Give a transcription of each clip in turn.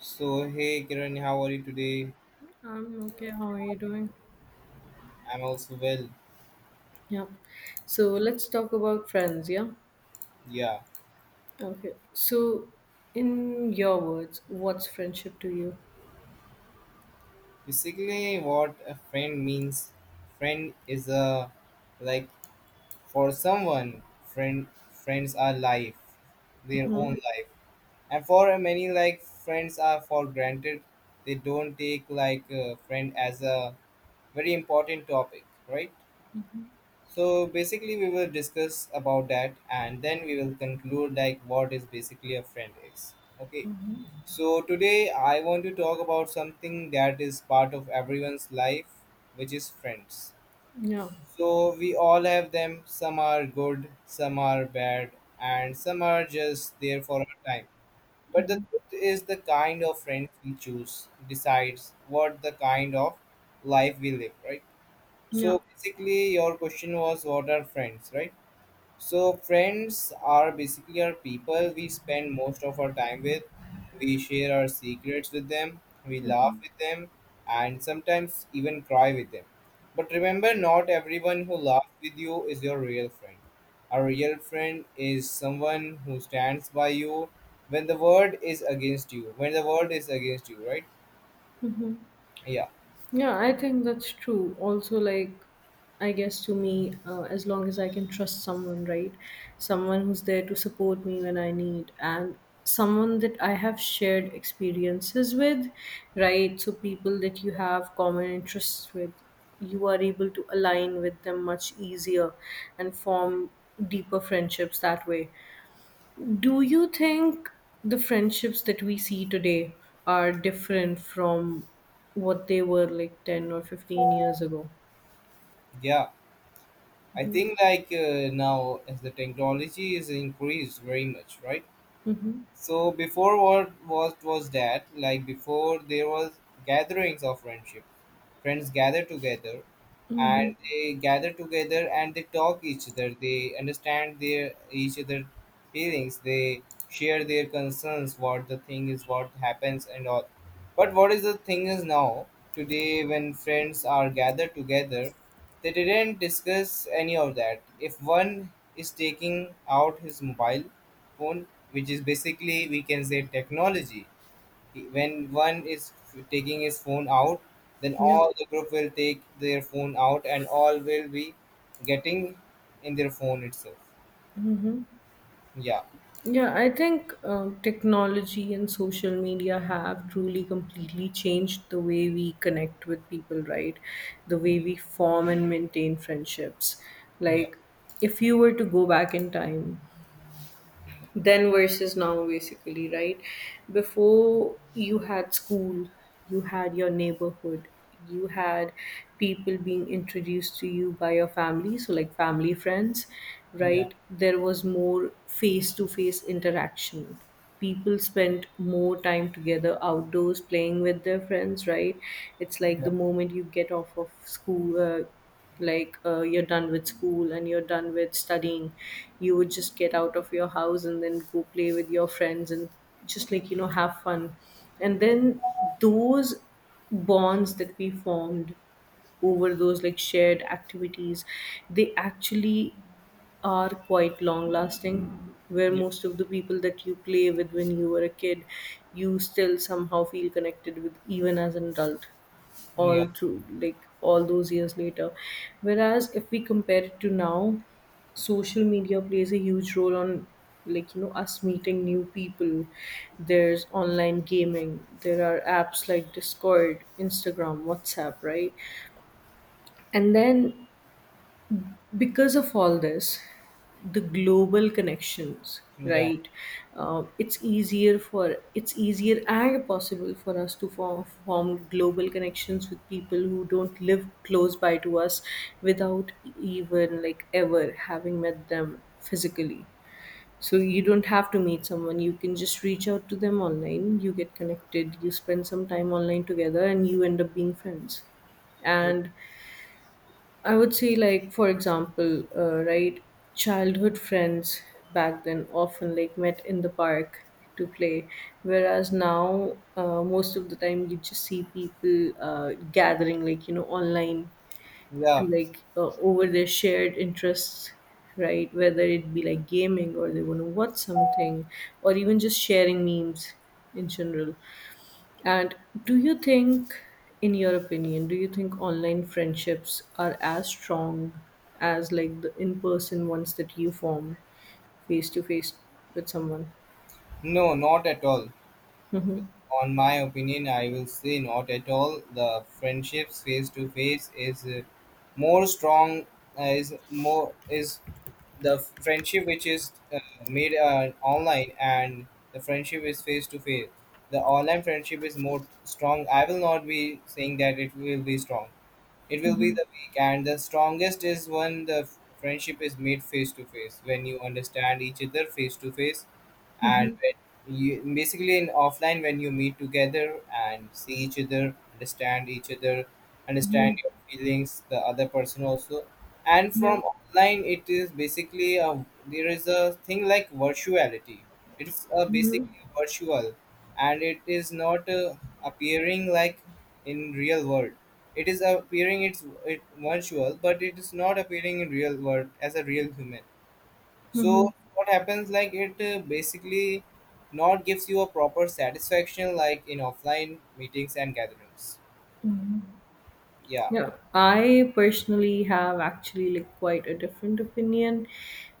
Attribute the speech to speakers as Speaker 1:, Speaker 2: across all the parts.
Speaker 1: So, hey Kiran, how are you today?
Speaker 2: I'm okay. How are you doing?
Speaker 1: I'm also well.
Speaker 2: Yeah. So let's talk about friends. Yeah.
Speaker 1: Yeah.
Speaker 2: Okay. So, in your words, what's friendship to you?
Speaker 1: Basically, what a friend means, friend is a like for someone, friends are life, their own
Speaker 2: Mm-hmm.
Speaker 1: life. And for many, like friends are for granted. They don't take like a friend as a very important topic, right? So basically, we will discuss about that, and then we will conclude like what is basically a friend is. Okay. So, today I want to talk about something that is part of everyone's life, which is friends.
Speaker 2: Yeah.
Speaker 1: So, we all have them. Some are good, some are bad, and some are just there for a time. But the truth is, the kind of friends we choose decides what the kind of life we live, right?
Speaker 2: Yeah.
Speaker 1: So, basically, your question was what are friends, right? So, friends are basically our people we spend most of our time with. We share our secrets with them, we laugh
Speaker 2: Mm-hmm.
Speaker 1: with them, and sometimes even cry with them. But remember, not everyone who laughs with you is your real friend. A real friend is someone who stands by you when the world is against you. When the world is against you, right? Yeah,
Speaker 2: Yeah, I think that's true. Also, like, I guess to me, as long as I can trust someone, right? Someone who's there to support me when I need, and someone that I have shared experiences with, right? So, people that you have common interests with, you are able to align with them much easier and form deeper friendships that way. Do you think the friendships that we see today are different from what they were like 10 or 15 years ago?
Speaker 1: yeah. I think like now as the technology is increased very much, right?
Speaker 2: Mm-hmm.
Speaker 1: So before what was that like before there was gatherings of friendship. Friends gather together and
Speaker 2: Mm-hmm.
Speaker 1: they gather together and they talk each other. They understand their each other feelings. They share their concerns, what the thing is, what happens and all. But what is the thing is now, today when friends are gathered together, they didn't discuss any of that. If one is taking out his mobile phone, which is basically we can say technology, when one is taking his phone out, then
Speaker 2: Yeah.
Speaker 1: all the group will take their phone out and all will be getting in their phone itself. Yeah,
Speaker 2: Yeah, I think technology and social media have truly completely changed the way we connect with people, right? The way we form and maintain friendships.
Speaker 1: yeah,
Speaker 2: Like, if you were to go back in time, then versus now basically, right? Before you had school, you had your neighborhood, you had people being introduced to you by your family, so like family friends,
Speaker 1: yeah,
Speaker 2: right? There was more face to face interaction. People spent more time together outdoors playing with their friends, right? It's like
Speaker 1: yeah,
Speaker 2: the moment you get off of school, you're done with school and you're done with studying, you would just get out of your house and then go play with your friends and just, like, you know, have fun. And then those bonds that we formed over those like shared activities, they actually are quite long lasting, where
Speaker 1: yeah,
Speaker 2: most of the people that you play with when you were a kid, you still somehow feel connected with, even as an adult,
Speaker 1: yeah,
Speaker 2: all through like all those years later. Whereas if we compare it to now, social media plays a huge role on, like, you know, us meeting new people. There's online gaming, there are apps like Discord, Instagram, WhatsApp, right? And then because of all this, the global connections,
Speaker 1: yeah.
Speaker 2: right? It's easier for it's easier and possible for us to form, global connections with people who don't live close by to us, without even like ever having met them physically. So you don't have to meet someone, you can just reach out to them online, you get connected, you spend some time online together, and you end up being friends. And I would say, like, for example, right, childhood friends back then often like met in the park to play, whereas now, most of the time you just see people gathering, like, you know, online, to
Speaker 1: Yeah.
Speaker 2: like, over their shared interests, right? Whether it be like gaming, or they want to watch something, or even just sharing memes in general. And do you think, in your opinion, do you think online friendships are as strong as like the in person ones that you form face to face with someone?
Speaker 1: No, not at all.
Speaker 2: Mm-hmm.
Speaker 1: On my opinion, I will say not at all. The friendships face to face is more strong. Is more is the friendship which is made online and the friendship is face to face. The online friendship is more strong. I will not be saying that it will be strong. It will be the weak and the strongest is when the friendship is made face to face. When you understand each other face to face and
Speaker 2: Mm-hmm.
Speaker 1: when you basically in offline when you meet together and see each other
Speaker 2: Mm-hmm.
Speaker 1: understand your feelings the other person also and
Speaker 2: Yeah.
Speaker 1: from online it is basically a, there is a thing like virtuality, it's a basically virtual and it is not appearing like in real world, it is appearing it's it virtual but it is not appearing in real world as a real human. So
Speaker 2: Mm-hmm.
Speaker 1: what happens like it basically not gives you a proper satisfaction like in offline meetings and gatherings. Yeah.
Speaker 2: Yeah, I personally have actually like quite a different opinion,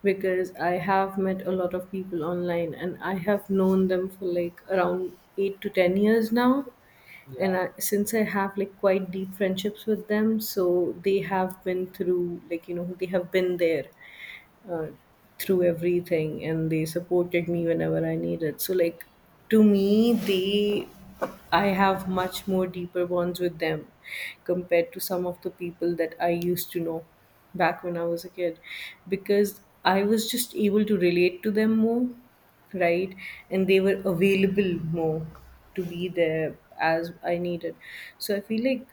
Speaker 2: because I have met a lot of people online and I have known them for like around 8 to 10 years now. And
Speaker 1: Yeah,
Speaker 2: I, since I have like quite deep friendships with them, so they have been through like, you know, they have been there uh, through everything, and they supported me whenever I needed. So like, to me, they I have much more deeper bonds with them, compared to some of the people that I used to know back when I was a kid, because I was just able to relate to them more, right? And they were available more to be there as I needed. So I feel like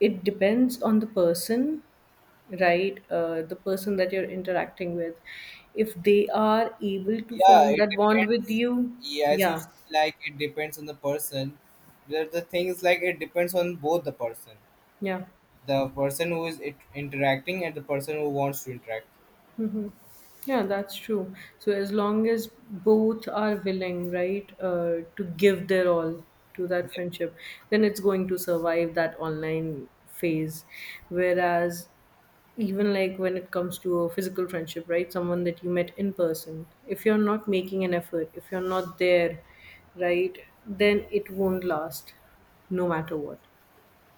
Speaker 2: it depends on the person, right? The person that you're interacting with, if they are able to
Speaker 1: yeah
Speaker 2: form
Speaker 1: it
Speaker 2: that bond with
Speaker 1: depends.
Speaker 2: you.
Speaker 1: Yeah, as you
Speaker 2: Yeah,
Speaker 1: said, like it depends on the person. The thing is like it depends on both the person,
Speaker 2: yeah,
Speaker 1: the person who is it interacting and the person who wants to interact.
Speaker 2: yeah, that's true. So as long as both are willing, right, to give their all to that friendship, then it's going to survive that online phase. Whereas even like when it comes to a physical friendship, right, someone that you met in person, if you're not making an effort, if you're not there, right, then it won't last, no matter what.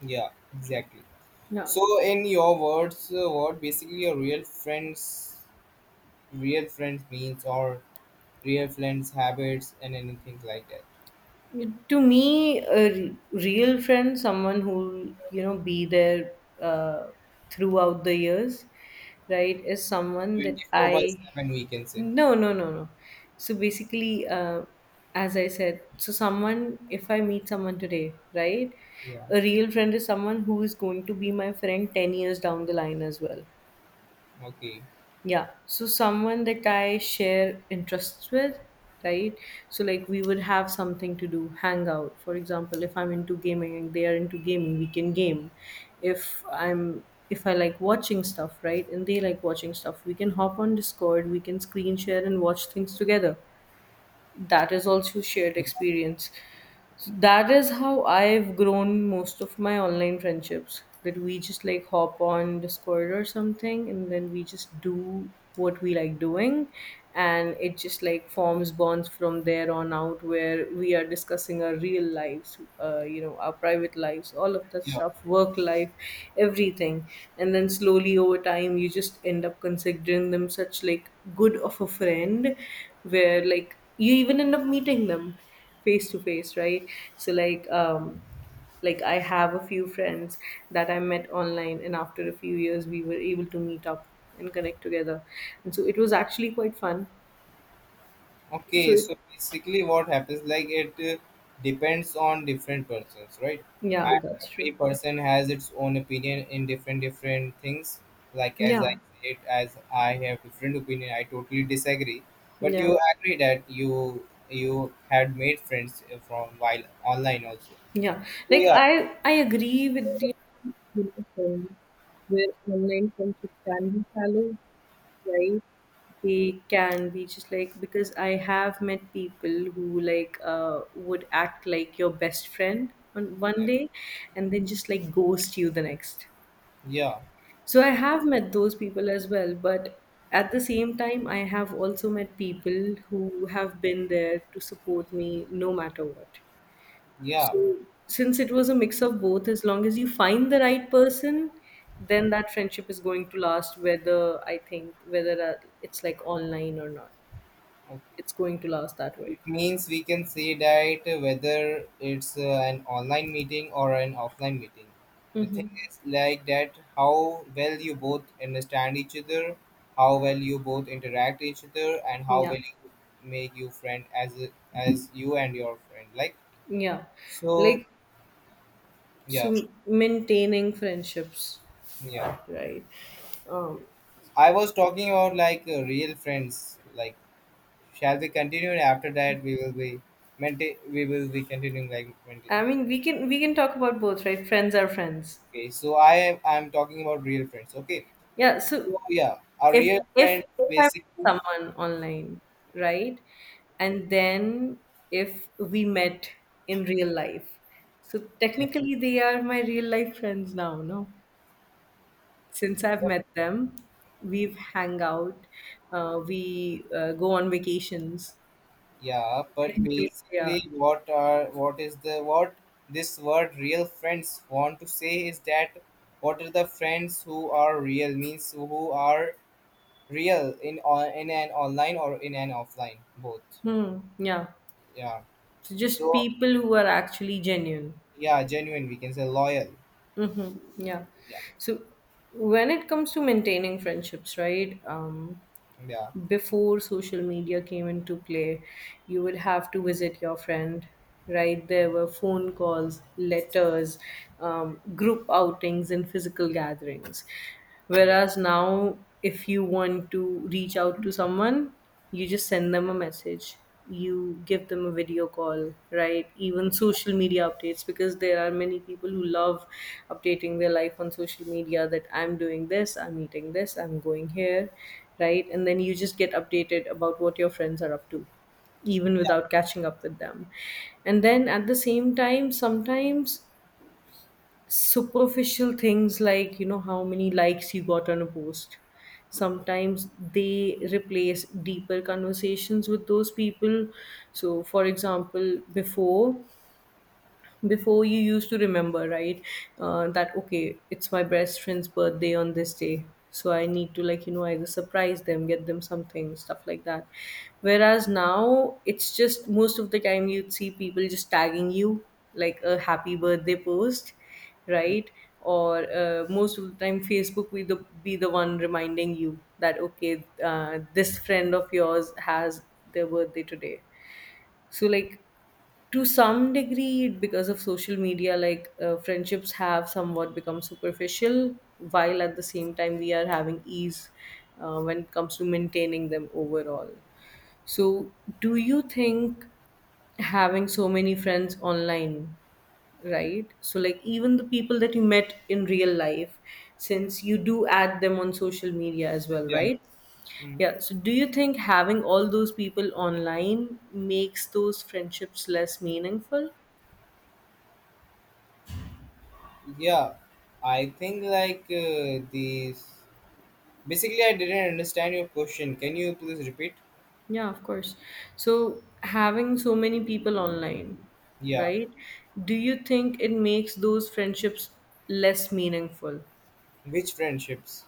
Speaker 1: Yeah, yeah exactly.
Speaker 2: Yeah,
Speaker 1: So in your words what basically your real friends, real friends means, or real friends, habits, and anything like that.
Speaker 2: to me a real friend, someone who, you know, be there uh, throughout the years, right, is someone that
Speaker 1: 24
Speaker 2: I—
Speaker 1: by 7, we can say.
Speaker 2: No, no, no, no. So basically, as I said, so someone, if I meet someone today, right?
Speaker 1: Yeah.
Speaker 2: A real friend is someone who is going to be my friend 10 years down the line as well.
Speaker 1: Okay.
Speaker 2: Yeah. So someone that I share interests with, right? So like we would have something to do, hang out. For example, if I'm into gaming and they are into gaming, we can game. If I'm if I like watching stuff, right, and they like watching stuff, we can hop on Discord, we can screen share and watch things together. That is also shared experience. So that is how I've grown most of my online friendships, that we just like hop on Discord or something, and then we just do what we like doing. And it just like forms bonds from there on out, where we are discussing our real lives, you know, our private lives, all of that
Speaker 1: Yeah.
Speaker 2: stuff, work life, everything. And then slowly over time you just end up considering them such like good of a friend, where like you even end up meeting them face to face, right? So like, like, I have a few friends that I met online, and after a few years we were able to meet up and connect together, and so it was actually quite fun. so
Speaker 1: Okay.
Speaker 2: it,
Speaker 1: So basically, what happens like it depends on different persons, right?
Speaker 2: yeah,
Speaker 1: And
Speaker 2: that's
Speaker 1: every
Speaker 2: true.
Speaker 1: person has its own opinion in different different things. Like as I
Speaker 2: Yeah,
Speaker 1: said, as I have different opinion, I totally disagree. But
Speaker 2: yeah,
Speaker 1: you agree that you had made friends from while online also.
Speaker 2: yeah.
Speaker 1: So
Speaker 2: Like,
Speaker 1: yeah,
Speaker 2: I agree with the where online friendships can be shallow, right? They can be just like, because I have met people who like, would act like your best friend on one
Speaker 1: yeah,
Speaker 2: day and then just like ghost you the next.
Speaker 1: yeah.
Speaker 2: So I have met those people as well, but at the same time I have also met people who have been there to support me no matter what.
Speaker 1: Yeah.
Speaker 2: So since it was a mix of both, as long as you find the right person, then that friendship is going to last, whether, I think, whether, it's like online or not.
Speaker 1: Okay.
Speaker 2: It's going to last that
Speaker 1: It
Speaker 2: way.
Speaker 1: means we can say that whether it's an online meeting or an offline meeting. The thing
Speaker 2: Mm-hmm.
Speaker 1: is like that how well you both understand each other, how well you both interact each other, and how
Speaker 2: Yeah.
Speaker 1: well you make your friend as a- as you and your friend. Like
Speaker 2: Yeah.
Speaker 1: so,
Speaker 2: Like,
Speaker 1: yeah,
Speaker 2: so maintaining friendships,
Speaker 1: yeah.
Speaker 2: right? Um
Speaker 1: I was talking about like real friends. Like, shall we continue? And after that, we will be maintain. We will be continuing like maintain.
Speaker 2: I mean, we can talk about both, right? Friends are friends.
Speaker 1: Okay, so I'm talking about real friends. Okay,
Speaker 2: Yeah, so
Speaker 1: so yeah, a
Speaker 2: if
Speaker 1: real
Speaker 2: if
Speaker 1: friend
Speaker 2: if I met
Speaker 1: basically,
Speaker 2: someone online, right? And then if we met in real life, so
Speaker 1: yeah,
Speaker 2: technically they are my real life friends now, no? Since I've met them, we've hang out, we go on vacations.
Speaker 1: yeah,
Speaker 2: So
Speaker 1: but
Speaker 2: technically they
Speaker 1: basically, what are what is the what this word real friends want to say is that what are the friends who are real means who are real in on in an online or in an offline both.
Speaker 2: Hmm, yeah.
Speaker 1: Yeah.
Speaker 2: So just
Speaker 1: So
Speaker 2: people who are actually genuine.
Speaker 1: yeah, genuine. We can say loyal.
Speaker 2: Mm-hmm. Yeah.
Speaker 1: Yeah.
Speaker 2: So when it comes to maintaining friendships, right? Um,
Speaker 1: Yeah.
Speaker 2: before social media came into play, you would have to visit your friend, right? There were phone calls, letters, group outings, and physical gatherings.
Speaker 1: Yeah.
Speaker 2: Whereas now, if you want to reach out to someone, you just send them a message, you give them a video call, right? Even social media updates, because there are many people who love updating their life on social media, that I'm doing this, I'm eating this, I'm going here, right? And then you just get updated about what your friends are up to, even without catching up with them. And then at the same time, sometimes superficial things like, you know, how many likes you got on a post, sometimes they replace deeper conversations with those people. So, for example, before, you used to remember, right, that, okay, it's my best friend's birthday on this day, so I need to, like, you know, either surprise them, get them something, stuff like that. Whereas now it's just most of the time you'd see people just tagging you like a happy birthday post, right? Or most of the time Facebook will be the one reminding you that, okay, this friend of yours has their birthday today. So like, to some degree, because of social media, like, friendships have somewhat become superficial, while at the same time we are having ease when it comes to maintaining them overall. So do you think having so many friends online, right, so like even the people that you met in real life, since you do add them on social media as well,
Speaker 1: Yeah.
Speaker 2: right?
Speaker 1: Mm.
Speaker 2: Yeah. So, do you think having all those people online makes those friendships less meaningful?
Speaker 1: Yeah. I think like these. Basically, I didn't understand your question. Can you please repeat?
Speaker 2: Yeah, of course. So, having so many people online,
Speaker 1: Yeah.
Speaker 2: right? Do you think it makes those friendships less meaningful?
Speaker 1: Which friendships?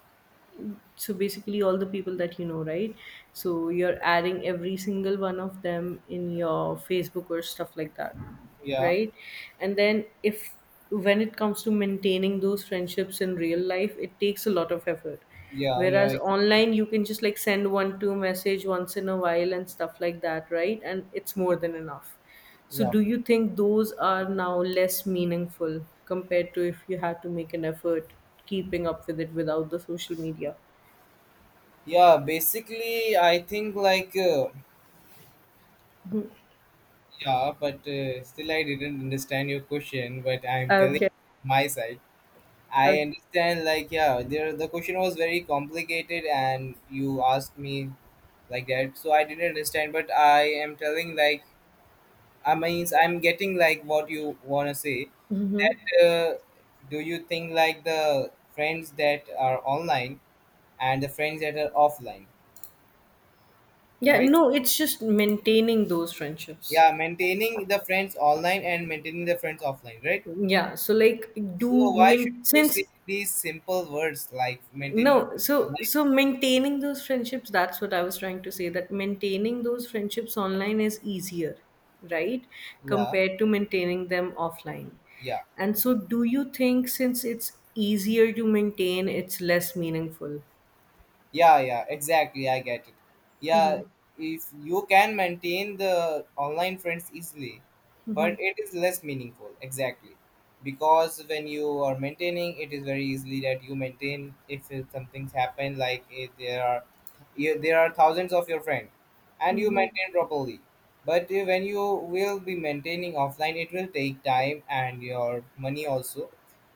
Speaker 2: So basically all the people that you know, right? So you're adding every single one of them in your Facebook or stuff like that,
Speaker 1: Yeah.
Speaker 2: right? And then if when it comes to maintaining those friendships in real life, it takes a lot of effort,
Speaker 1: Yeah. Yeah,
Speaker 2: whereas
Speaker 1: exactly.
Speaker 2: online you can just like send one two message once in a while and stuff like that, right? And it's more than enough. So
Speaker 1: Yeah.
Speaker 2: do you think those are now less meaningful compared to if you had to make an effort keeping up with it without the social media?
Speaker 1: Yeah. Basically, I think like yeah, but still I didn't understand your question. But I'm telling
Speaker 2: Okay.
Speaker 1: my side. I
Speaker 2: Okay.
Speaker 1: understand like yeah, there the question was very complicated, and you asked me like that, so I didn't understand. But I am telling like I means I'm getting like what you wanna say.
Speaker 2: Hmm.
Speaker 1: That do you think like the friends that are online and the friends that are offline,
Speaker 2: Yeah,
Speaker 1: right?
Speaker 2: no, it's just maintaining those friendships.
Speaker 1: Yeah, maintaining the friends online and maintaining the friends offline, right?
Speaker 2: Yeah, so like
Speaker 1: So
Speaker 2: do
Speaker 1: why should
Speaker 2: main
Speaker 1: you
Speaker 2: since
Speaker 1: say these simple words like maintaining
Speaker 2: no, so
Speaker 1: online?
Speaker 2: so maintaining those friendships, that's what I was trying to say, that maintaining those friendships online is easier, right?
Speaker 1: Yeah,
Speaker 2: Compared to maintaining them offline.
Speaker 1: yeah.
Speaker 2: And so do you think since it's easier to maintain, it's less meaningful?
Speaker 1: Yeah, yeah, exactly. I get it.
Speaker 2: Mm-hmm.
Speaker 1: Yeah, if you can maintain the online friends easily, but it is less meaningful. Exactly. Because when you are maintaining, it is very easily that you maintain if something's happened, like if there are there are thousands of your friends and you
Speaker 2: Mm-hmm.
Speaker 1: maintain properly. But when you will be maintaining offline, it will take time and your money also.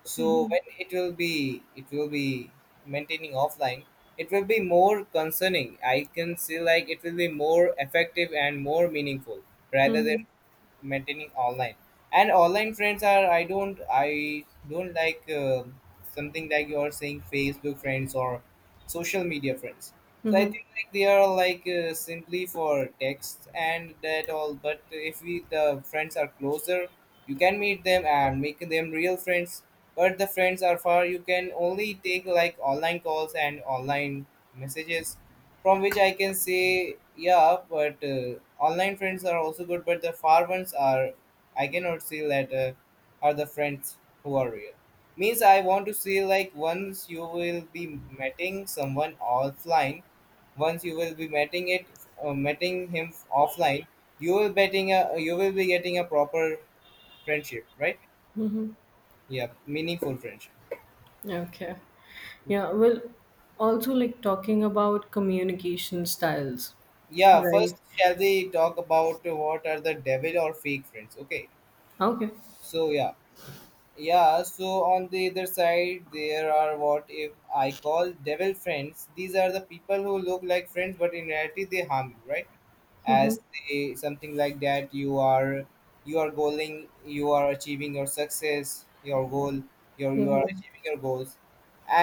Speaker 1: So when it will be maintaining offline, it will be more concerning. I can see like it will be more effective and more meaningful rather than maintaining online. And online friends are I don't like something like you're saying Facebook friends or social media friends. So I
Speaker 2: Mm-hmm.
Speaker 1: think like they are like simply for text and that all, but if we the friends are closer you can meet them and make them real friends, but the friends are far you can only take like online calls and online messages, from which I can say, yeah, but online friends are also good, but the far ones are, I cannot say that are the friends who are real. Means I want to say like once you will be meeting someone offline, once you will be meeting it, meeting him offline, you will you will be getting a proper friendship, right? Yeah, meaningful friendship.
Speaker 2: Okay. Yeah, well, also like talking about communication styles,
Speaker 1: Yeah,
Speaker 2: right?
Speaker 1: first shall we talk about what are the devil or fake friends? Okay,
Speaker 2: Okay.
Speaker 1: so yeah. Yeah, so on the other side, there are what if I call devil friends. These are the people who look like friends, but in reality, they harm you, right? As
Speaker 2: Mm-hmm.
Speaker 1: they something like that, you are goaling, you are achieving your success, your goal, your you are
Speaker 2: Mm-hmm.
Speaker 1: achieving your goals,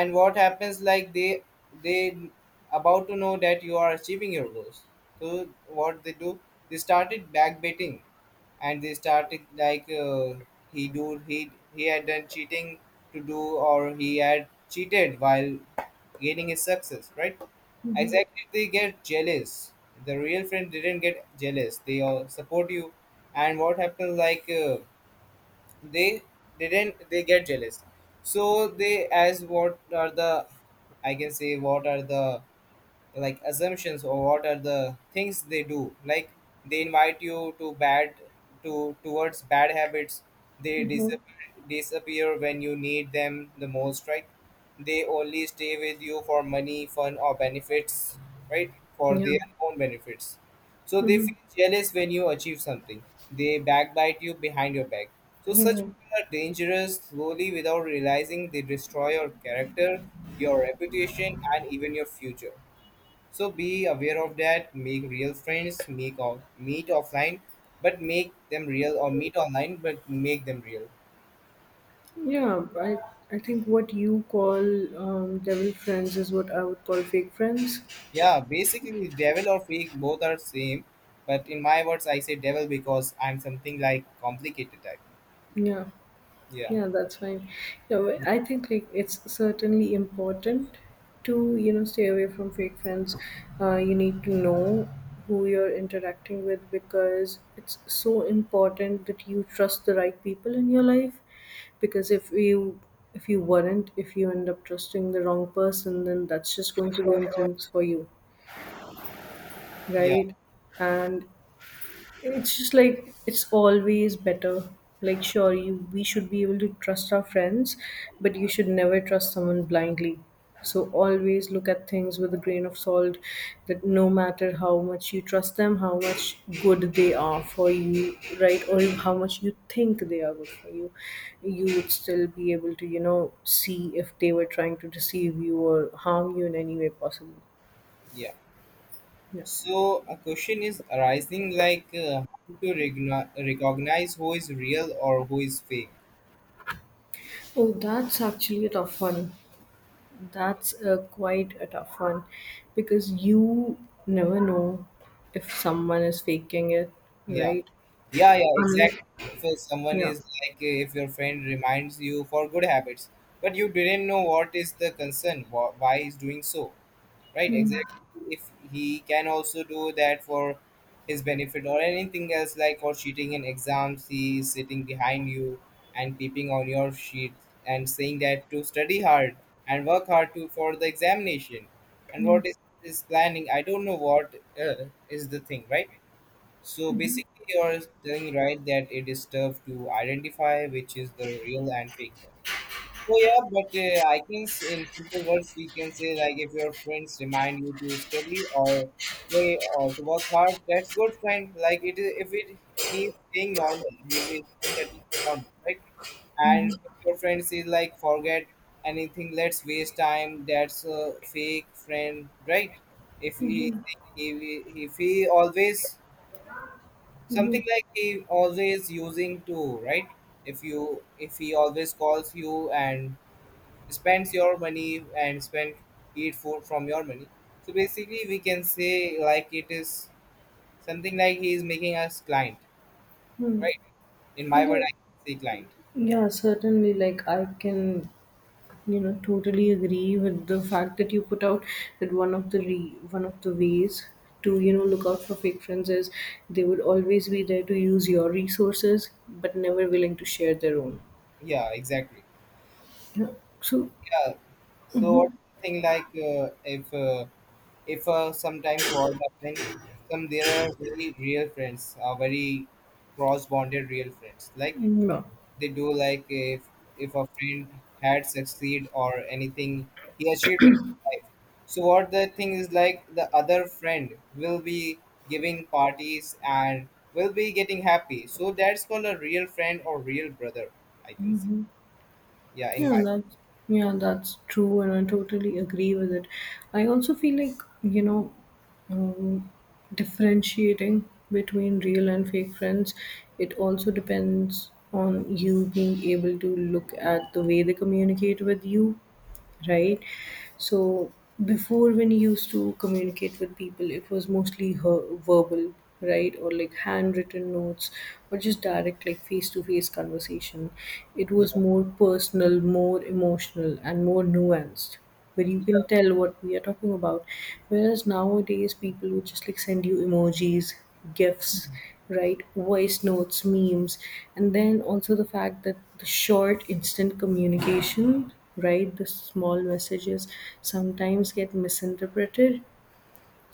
Speaker 1: and what happens like they about to know that you are achieving your goals. So what they do, they started backbiting and they started like he do he had done cheating to do, or he had cheated while gaining his success, right? Exactly, they get jealous. The real friend didn't get jealous, they all support you. And what happened like they didn't they get jealous. So they as what are the, I can say what are the like assumptions or what are the things they do like, they invite you to bad, to towards bad habits. They disappear, disappear when you need them the most, right? They only stay with you for money, fun, or benefits, right, for
Speaker 2: Yeah.
Speaker 1: their own benefits. So they
Speaker 2: Mm-hmm.
Speaker 1: feel jealous when you achieve something, they backbite you behind your back. So such people are dangerous, slowly without realizing they destroy your character, your reputation, and even your future. So be aware of that. Make real friends. Make off, meet offline, but make them real, or meet online, but make them real.
Speaker 2: Yeah, I, I think what you call devil friends is what I would call fake friends.
Speaker 1: Yeah, basically, devil or freak both are same, but in my words, I say devil because I'm something like complicated type.
Speaker 2: Yeah.
Speaker 1: Yeah,
Speaker 2: Yeah, that's fine. You know, I think like it's certainly important to, you know, stay away from fake friends. You need to know who you're interacting with, because it's so important that you trust the right people in your life. Because if you end up trusting the wrong person, then that's just going to ruin things for you,
Speaker 1: yeah,
Speaker 2: right? And it's just like it's always better. Like sure, you we should be able to trust our friends, but you should never trust someone blindly. So always look at things with a grain of salt, that no matter how much you trust them, how much good they are for you, right? Or how much you think they are good for you, you would still be able to, you know, see if they were trying to deceive you or harm you in any way possible.
Speaker 1: yeah.
Speaker 2: Yeah.
Speaker 1: So a question is arising like how to recognize who is real or who is fake.
Speaker 2: Oh, that's actually a tough one. That's quite a tough one because you never know if someone is faking it,
Speaker 1: Yeah,
Speaker 2: right?
Speaker 1: yeah, yeah,
Speaker 2: Unless,
Speaker 1: exactly. If someone
Speaker 2: yeah.
Speaker 1: is like, if your friend reminds you for good habits, but you didn't know what is the concern, why is doing so, right?
Speaker 2: Hmm.
Speaker 1: Exactly. If he can also do that for his benefit or anything else, like for cheating in exams, he is sitting behind you and peeping on your sheet and saying that to study hard and work hard to for the examination. And
Speaker 2: Yeah.
Speaker 1: what is planning? I don't know what is the thing, right? So basically, you're telling right that it is tough to identify which is the real and fake one. So yeah, but I can in simple words we can say like if your friends remind you to study or play or to work hard, that's good friend. Like it is if it he is being normal, he is being at least normal, right? And if your friend is like forget anything, let's waste time. That's a fake friend, right? If he if if he always something like he always using to right if he always calls you and spends your money and spend eat food from your money, so basically we can say like it is something like he is making us client,
Speaker 2: Hmm.
Speaker 1: right? In my word
Speaker 2: Yeah.
Speaker 1: I can say client.
Speaker 2: Yeah, certainly. Like, I can, you know, totally agree with the fact that you put out that one of the ways to, you know, look out for fake friends is they would always be there to use your resources, but never willing to share their own.
Speaker 1: Yeah, exactly.
Speaker 2: Yeah. So,
Speaker 1: Yeah, so what is the thing like if sometimes what happen some there are very real friends, are very cross bonded real friends, like
Speaker 2: yeah.
Speaker 1: they do like if a friend had succeed or anything, he achieved in his life, so what the thing is like the other friend will be giving parties and will be getting happy, so that's called a real friend or real brother, I can say. Yeah, in
Speaker 2: Yeah,
Speaker 1: my
Speaker 2: that's yeah, that's true, and I totally agree with it. I also feel like, you know, um, differentiating between real and fake friends, it also depends on you being able to look at the way they communicate with you,
Speaker 1: yeah.
Speaker 2: right? So before, when you used to communicate with people, it was mostly verbal, right? Or like handwritten notes, or just direct like face to face conversation. It
Speaker 1: Yeah,
Speaker 2: was more personal, more emotional and more nuanced, where you can
Speaker 1: yeah,
Speaker 2: tell what we are talking about. Whereas nowadays, people would just like send you emojis, gifs, right? Voice notes, memes, And then also the fact that the short instant communication, right, the small messages sometimes get misinterpreted.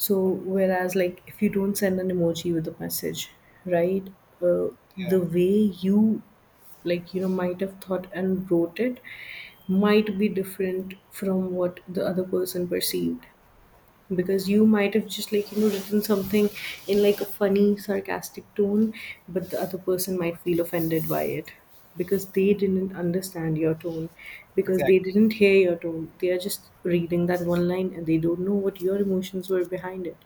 Speaker 2: So whereas like if you don't send an emoji with a message, right, uh,
Speaker 1: yeah,
Speaker 2: the way you, like, you know, might have thought and wrote it might be different from what the other person perceived, because you might have just, like, you know, written something in like a funny sarcastic tone, but the other person might feel offended by it, because they didn't understand your tone, because they
Speaker 1: exactly.
Speaker 2: didn't hear your tone. They are just reading that one line and they don't know what your emotions were behind it.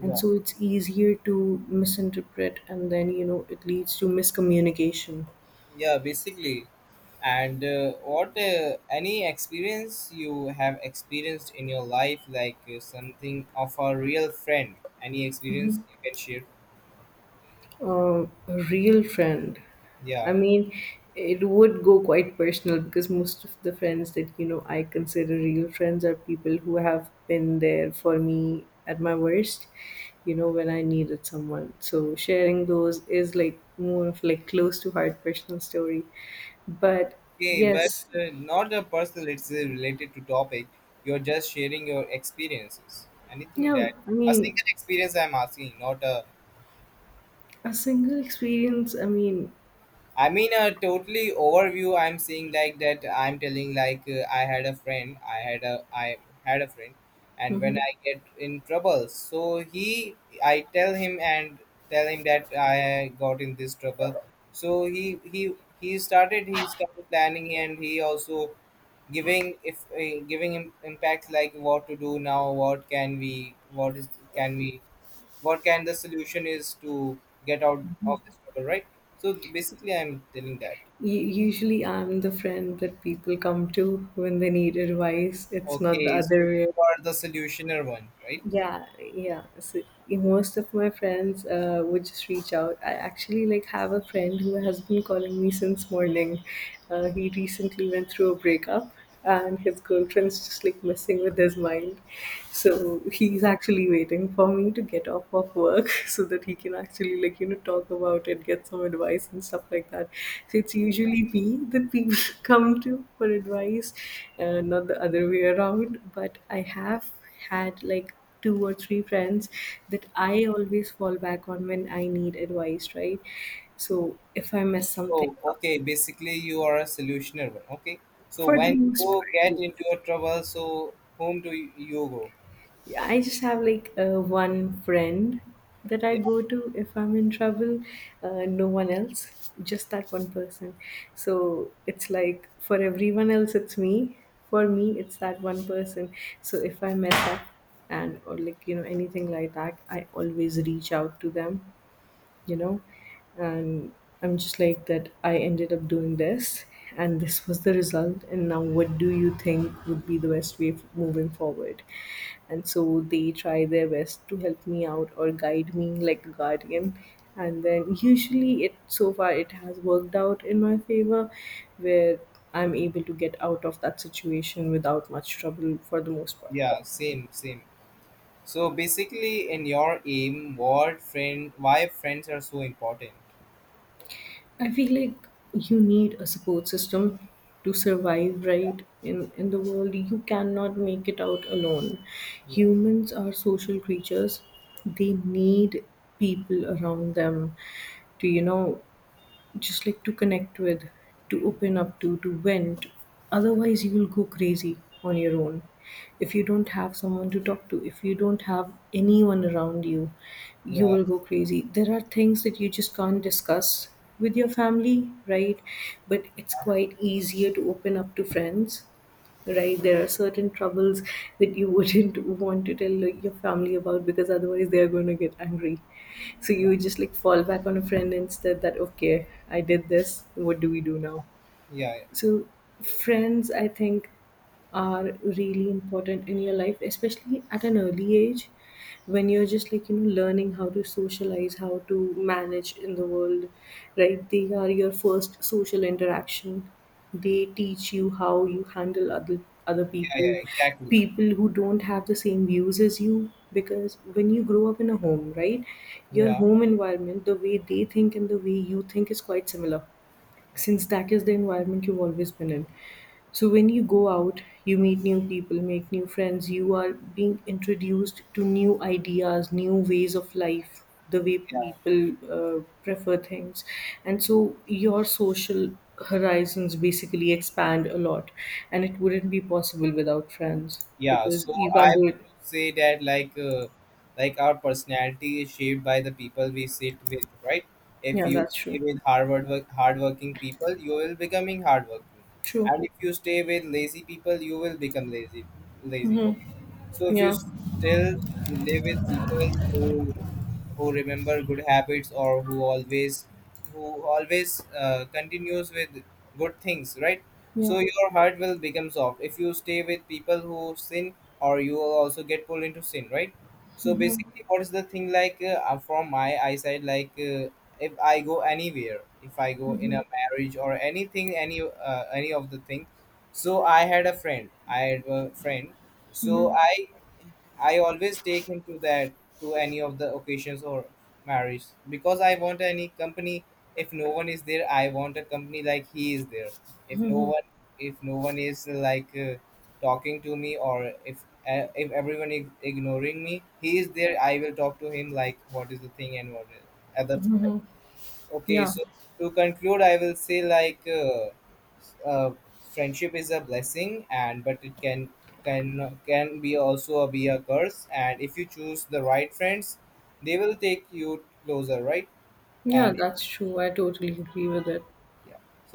Speaker 2: And
Speaker 1: Yeah,
Speaker 2: so it's easier to misinterpret, and then, you know, it leads to miscommunication.
Speaker 1: yeah, basically. And what any experience you have experienced in your life, like something of a real friend, any experience you can share?
Speaker 2: Uh, a real friend. I
Speaker 1: Yeah.
Speaker 2: mean, it would go quite personal, because most of the friends that, you know, I consider real friends are people who have been there for me at my worst, you know, when I needed someone. So sharing those is like more of like close to heart personal story. But
Speaker 1: Okay, but
Speaker 2: yes,
Speaker 1: not a personal, it's related to topic. You're just sharing your experiences, anything
Speaker 2: yeah,
Speaker 1: that.
Speaker 2: I
Speaker 1: A
Speaker 2: mean,
Speaker 1: single experience I'm asking, not a.
Speaker 2: a single experience, I mean,
Speaker 1: I mean, a totally overview. I'm seeing like that. I'm telling like I had a friend. I had a friend, and when I get in trouble, so he I tell him and tell him that I got in this trouble. So he started planning, and he also giving if giving him impact like what to do now, what can we what is can we what kind the solution is to get out of this trouble, right? So basically I'm telling that.
Speaker 2: Usually, I'm the friend that people come to when they need advice. It's not the
Speaker 1: Okay, so
Speaker 2: other
Speaker 1: then
Speaker 2: way.
Speaker 1: you are the solutioner one, right?
Speaker 2: Yeah, yeah. So most of my friends would just reach out. I actually like have a friend who has been calling me since morning. He recently went through a breakup and his girlfriend's just like messing with his mind, so he's actually waiting for me to get off of work so that he can actually, like, you know, talk about it, get some advice and stuff like that. So it's usually me that people come to for advice, not the other way around. But I have had like two or three friends that I always fall back on when I need advice, right? So if I mess something
Speaker 1: So
Speaker 2: up,
Speaker 1: okay, basically you are a solutioner one. Okay, so
Speaker 2: for the
Speaker 1: when you
Speaker 2: most part,
Speaker 1: get
Speaker 2: yes.
Speaker 1: into a trouble, so whom do you go?
Speaker 2: Yeah, I just have like one friend that I
Speaker 1: Yeah,
Speaker 2: go to if I'm in trouble, no one else, just that one person. So it's like for everyone else, it's me. For me, it's that one person. So if I mess up, and or like, you know, anything like that, I always reach out to them, you know, and I'm just like that, I ended up doing this and this was the result, and now what do you think would be the best way of moving forward? And so they try their best to help me out or guide me like a guardian, and then usually, it so far it has worked out in my favor, where I'm able to get out of that situation without much trouble for the most part.
Speaker 1: yeah, same, same. So basically, in your aim, what friend, why friends are so important?
Speaker 2: I feel like you need a support system to survive, right? In the world, you cannot make it out alone.
Speaker 1: Yeah.
Speaker 2: Humans are social creatures. They need people around them to, you know, just like to connect with, to open up to vent. Otherwise, you will go crazy on your own. If you don't have someone to talk to, if you don't have anyone around you, you
Speaker 1: Yeah,
Speaker 2: will go crazy. There are things that you just can't discuss with your family, right? But it's quite easier to open up to friends, right? There are certain troubles that you wouldn't want to tell, like, your family about, because otherwise they are going to get angry. So
Speaker 1: yeah,
Speaker 2: you just like fall back on a friend instead, that okay, I did this, what do we do now?
Speaker 1: yeah,
Speaker 2: So friends, I think, are really important in your life, especially at an early age, when you're just like, you know, learning how to socialize, how to manage in the world, right? They are your first social interaction. They teach you how you handle other
Speaker 1: yeah, yeah,
Speaker 2: people,
Speaker 1: exactly.
Speaker 2: people who don't have the same views as you, because when you grow up in a home, right, your
Speaker 1: Yeah,
Speaker 2: home environment, the way they think and the way you think is quite similar,
Speaker 1: yeah.
Speaker 2: since that is the environment you've always been in. So when you go out, you meet new people, make new friends, you are being introduced to new ideas, new ways of life, the way people prefer things. And so your social horizons basically expand a lot. And it wouldn't be possible without friends,
Speaker 1: Yeah,
Speaker 2: because
Speaker 1: so
Speaker 2: you
Speaker 1: I
Speaker 2: can't do it.
Speaker 1: would say that like our personality is shaped by the people we sit with, right? If
Speaker 2: Yeah,
Speaker 1: you
Speaker 2: that's
Speaker 1: stay
Speaker 2: true.
Speaker 1: with hard work, hardworking people, you will becoming hardworking,
Speaker 2: True.
Speaker 1: and if you stay with lazy people, you will become lazy, lazy. Okay, so if you
Speaker 2: Yeah.
Speaker 1: still live with people who remember good habits, or who always continues with good things, right?
Speaker 2: Yeah.
Speaker 1: So your heart will become soft. If you stay with people who sin, or you will also get pulled into sin, right? So basically, what is the thing like from my eyesight? Like if I go anywhere, if I go in a marriage or anything, any of the thing. So I had a friend. I had a friend, so I always take him to that, to any of the occasions or marriage, because I want any company. If no one is there, I want a company like he is there. If no one if no one is like talking to me, or if everyone is ignoring me, he is there. I will talk to him like what is the thing and what is other. Okay,
Speaker 2: Yeah.
Speaker 1: so to conclude, I will say like uh, friendship is a blessing, and but it can be also a, be a curse. And if you choose the right friends, they will take you closer, right?
Speaker 2: Yeah,
Speaker 1: And
Speaker 2: that's true. I totally agree with it.
Speaker 1: yeah.